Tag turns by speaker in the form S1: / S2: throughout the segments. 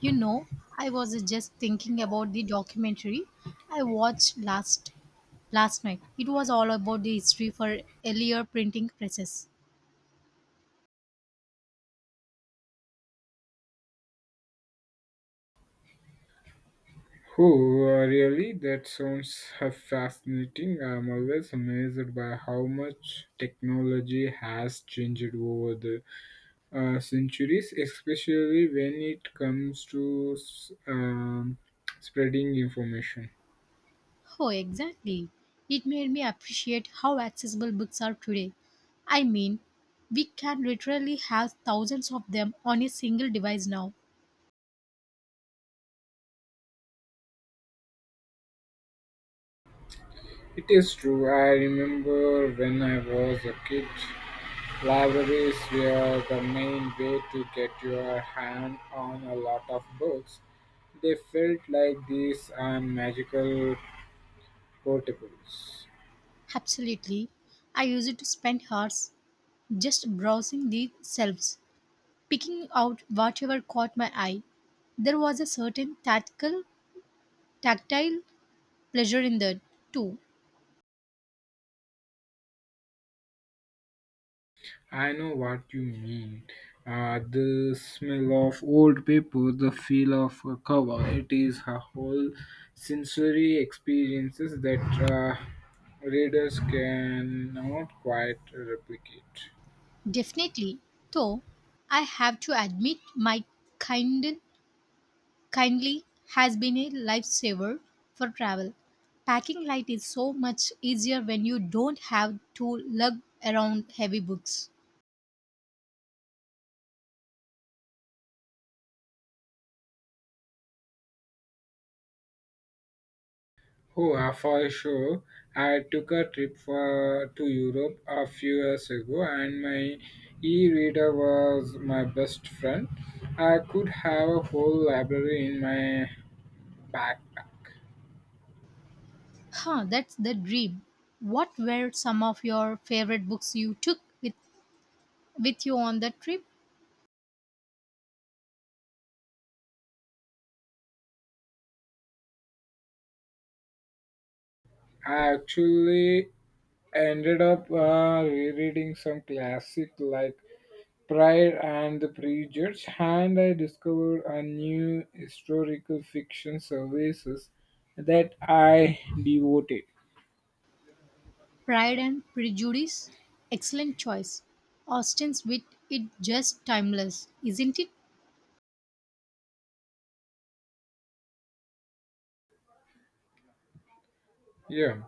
S1: You know, I was just thinking about the documentary I watched last night. It was all about the history for earlier printing presses.
S2: Oh, really? That sounds fascinating. I'm always amazed by how much technology has changed over the centuries, especially when it comes to spreading information.
S1: Oh, exactly. It made me appreciate how accessible books are today. I mean, we can literally have thousands of them on a single device now.
S2: It is true. I remember when I was a kid, libraries were the main way to get your hand on a lot of books. They felt like these magical portables.
S1: Absolutely. I used to spend hours just browsing the shelves, picking out whatever caught my eye. There was a certain tactile pleasure in that too,
S2: I know what you mean. The smell of old paper, the feel of a cover, it is a whole sensory experiences that readers cannot quite replicate.
S1: definitely. Though I have to admit, my kind kindly has been a lifesaver for travel. Packing light is so much easier when you don't have to lug around heavy books.
S2: Oh, for sure. I took a trip to Europe a few years ago, and my e-reader was my best friend. I could have a whole library in my backpack.
S1: Huh, that's the dream. What were some of your favorite books you took with you on the trip?
S2: I actually I ended up rereading some classic like Pride and the Prejudice, and I discovered a new historical fiction services that I devoted.
S1: Pride and Prejudice? Excellent choice. Austen's wit is just timeless, isn't it?
S2: Yeah.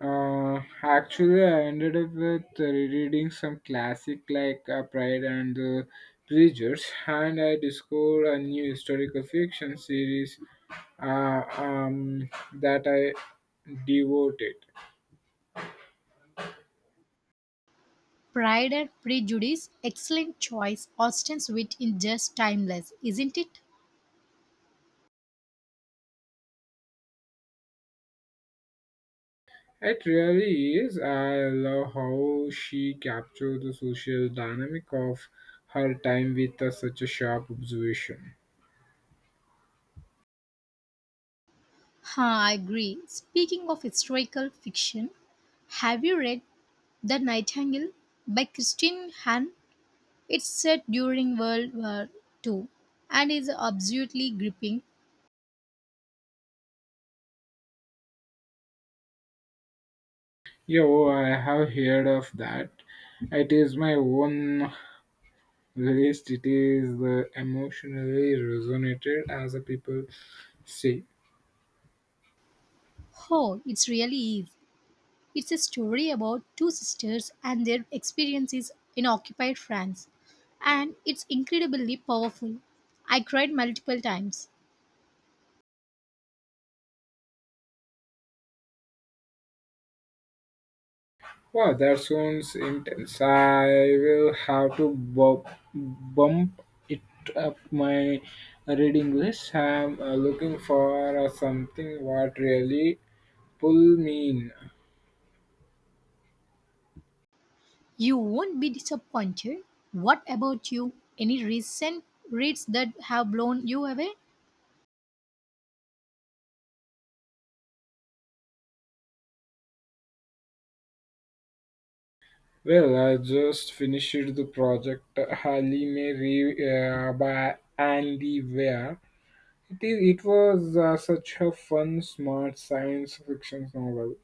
S2: Actually, I ended up with rereading some classic like Pride and the Prejudice, and I discovered a new historical fiction series uh, um, that I devoted.
S1: Pride and Prejudice, excellent choice. Austen's wit is just timeless, isn't it?
S2: It really is. I love how she captured the social dynamic of her time with such a sharp observation.
S1: Ha, I agree. Speaking of historical fiction, have you read The Nightingale by Christine Hahn? It's set during World War Two, and is absolutely gripping.
S2: Yo, I have heard of that. It is my own list. It is the emotionally resonated, as the people say.
S1: Oh, it really is. It's a story about two sisters and their experiences in occupied France, and it's incredibly powerful. I cried multiple times.
S2: Wow, that sounds intense. I will have to bump it up my reading list. I'm looking for something what really pull me in.
S1: You won't be disappointed. What about you? Any recent reads that have blown you away?
S2: Well, I just finished the project Harley Mary by Andy Weir. It was such a fun, smart science fiction novel.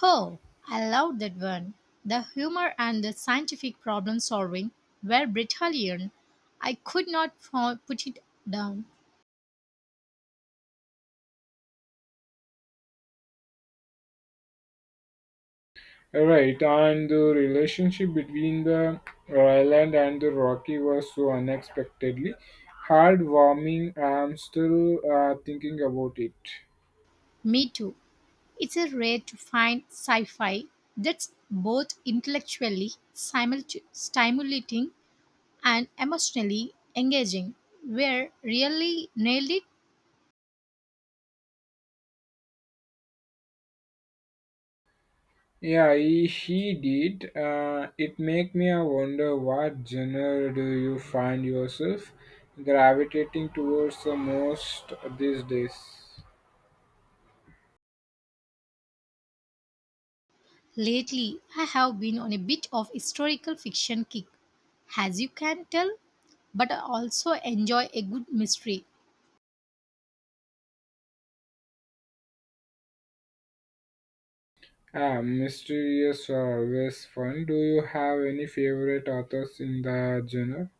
S1: Oh, I love that one. The humor and the scientific problem solving were brilliant. I could not put it down.
S2: Right, and the relationship between the island and the Rocky was so unexpectedly heartwarming. I'm still thinking about it.
S1: Me too. It's a rare to find sci fi that's both intellectually stimulating and emotionally engaging. Where really nailed it?
S2: Yeah, he did. It make me wonder what genre do you find yourself gravitating towards the most these days?
S1: Lately, I have been on a bit of historical fiction kick, as you can tell, but I also enjoy a good mystery.
S2: Ah, mysterious are always fun. Do you have any favorite authors in the genre?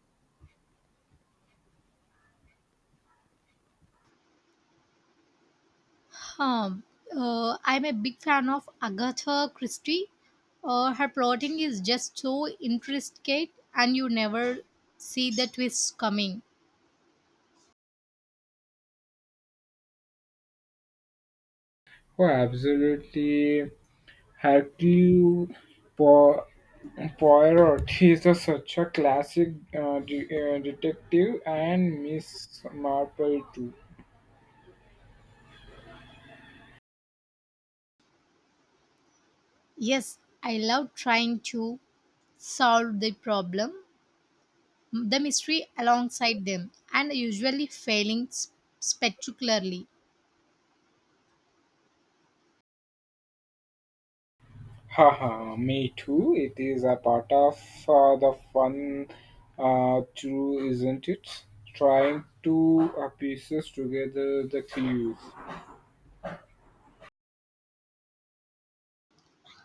S1: Um, I'm a big fan of Agatha Christie. Her plotting is just so intricate, and you never see the twists coming.
S2: Oh, absolutely. Hercule Po- Poirot is such a classic uh, de- detective, and Miss Marple too.
S1: Yes, I love trying to solve the problem, the mystery alongside them, and usually failing spectacularly.
S2: Haha, me too. It is a part of the fun, too, isn't it? Trying to pieces together the clues.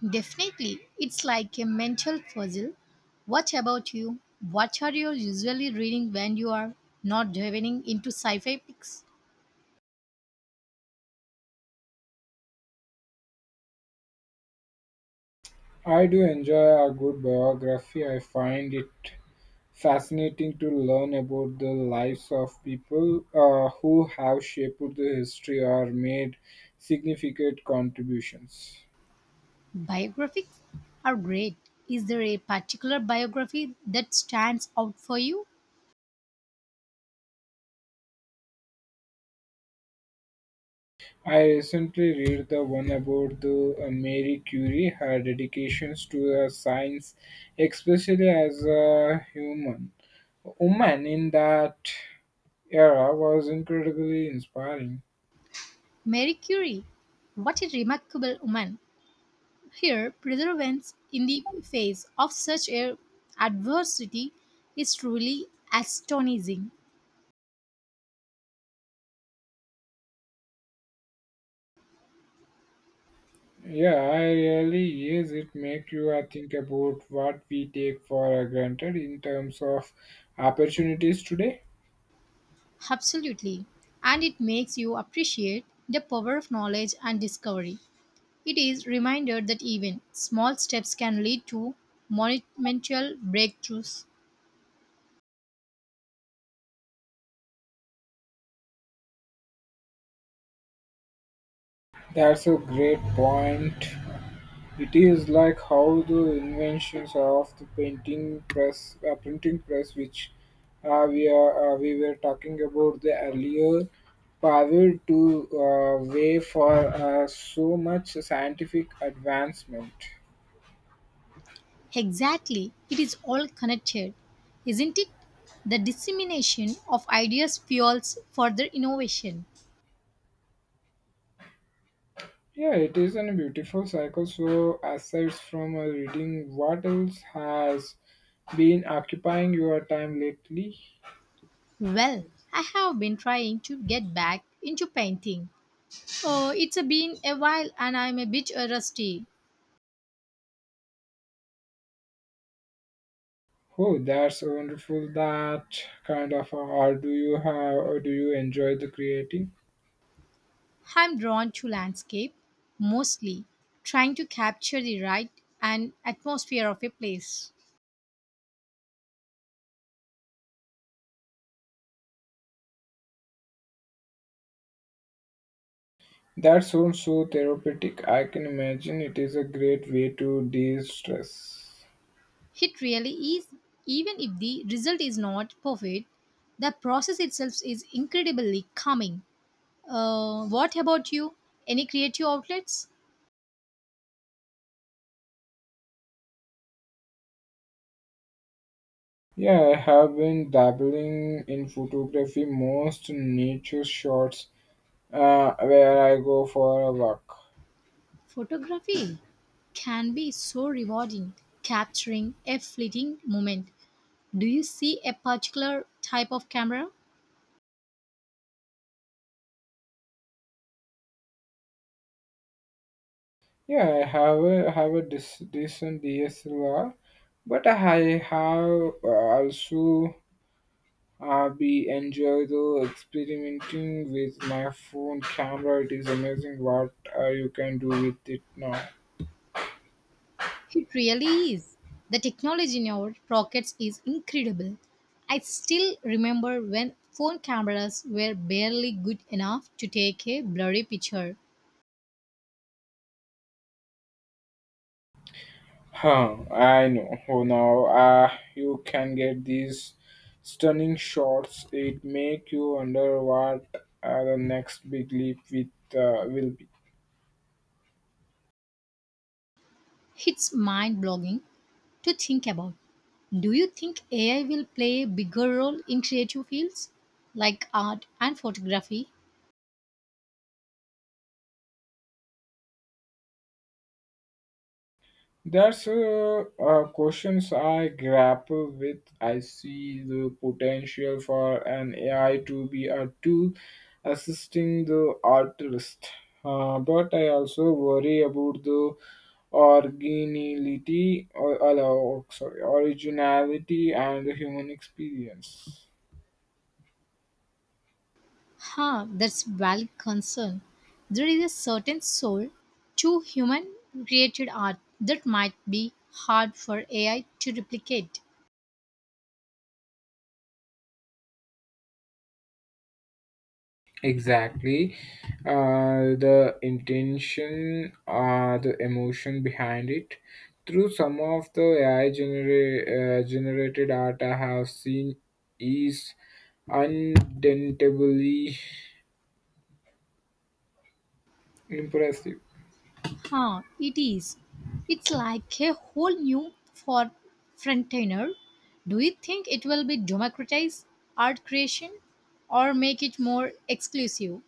S1: Definitely, it's like a mental puzzle. What about you? What are you usually reading when you are not diving into sci fi books?
S2: I do enjoy a good biography. I find it fascinating to learn about the lives of people who have shaped the history or made significant contributions.
S1: Biographies are great. Is there a particular biography that stands out for you?
S2: I recently read the one about the Mary Curie, her dedications to science, especially as a human. Woman in that era was incredibly inspiring.
S1: Mary Curie. What a remarkable woman. Her perseverance in the face of such a adversity is truly astonishing.
S2: Yeah, I really yes, it make you think about what we take for granted in terms of opportunities today.
S1: Absolutely. And it makes you appreciate the power of knowledge and discovery. It is reminder that even small steps can lead to monumental breakthroughs.
S2: That's a great point. It is like how the inventions of the printing press, which we were talking about the earlier, power to way for so much scientific advancement.
S1: Exactly. It is all connected, isn't it? The dissemination of ideas fuels further innovation.
S2: Yeah, it is a beautiful cycle. So, aside from reading, what else has been occupying your time lately?
S1: Well, I have been trying to get back into painting. Oh, it's been a while and I'm a bit rusty.
S2: Oh, that's wonderful. That kind of art do you have, or do you enjoy the creating?
S1: I'm drawn to landscape, mostly trying to capture the right and atmosphere of a place.
S2: That sounds so therapeutic. I can imagine it is a great way to de-stress.
S1: It really is, even if the result is not perfect, the process itself is incredibly calming. What about you? Any creative outlets?
S2: Yeah, I have been dabbling in photography, most nature shots, where I go for a walk.
S1: Photography can be so rewarding, capturing a fleeting moment. Do you see a particular type of camera?
S2: Yeah, have a decent DSLR, but I have also be enjoy the experimenting with my phone camera. It is amazing what you can do with it now.
S1: It really is. The technology in our pockets is incredible. I still remember when phone cameras were barely good enough to take a blurry picture.
S2: Huh, I know. Oh, now you can get these stunning shots. It make you wonder what the next big leap with will be.
S1: It's mind blogging to think about. Do you think AI will play a bigger role in creative fields like art and photography?
S2: That's questions I grapple with. I see the potential for an AI to be a tool assisting the artist, but I also worry about the originality, oh, sorry, originality and the human experience.
S1: Huh, that's valid concern. There is a certain soul to human created art that might be hard for AI to replicate.
S2: Exactly. The intention, the emotion behind it. Through some of the AI generated art I have seen is undentably impressive.
S1: Huh, it is. It's like a whole new for frontier. Do you think it will be democratize art creation or make it more exclusive?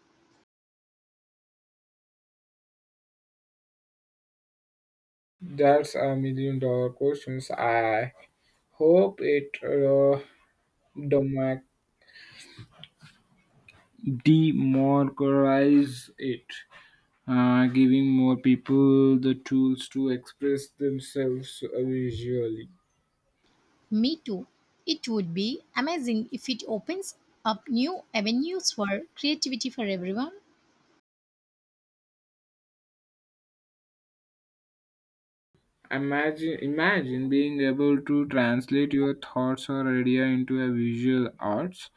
S2: That's a million dollar questions. I hope it democ- democratize it. Giving more people the tools to express themselves visually.
S1: Me too. It would be amazing if it opens up new avenues for creativity for everyone.
S2: Imagine being able to translate your thoughts or idea into a visual arts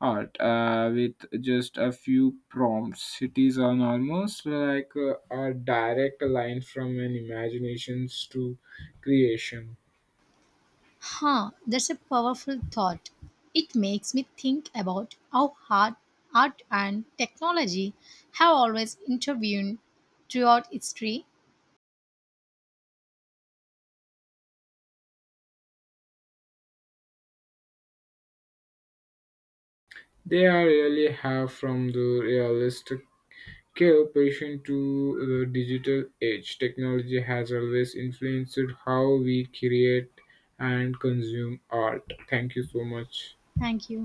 S2: art with just a few prompts. It is on almost like a direct line from an imaginations to creation.
S1: Huh, that's a powerful thought. It makes me think about how hard art and technology have always intervened throughout history.
S2: They are really have from the realist Cooperation to the digital age. Technology has always influenced how we create and consume art. Thank you so much.
S1: Thank you.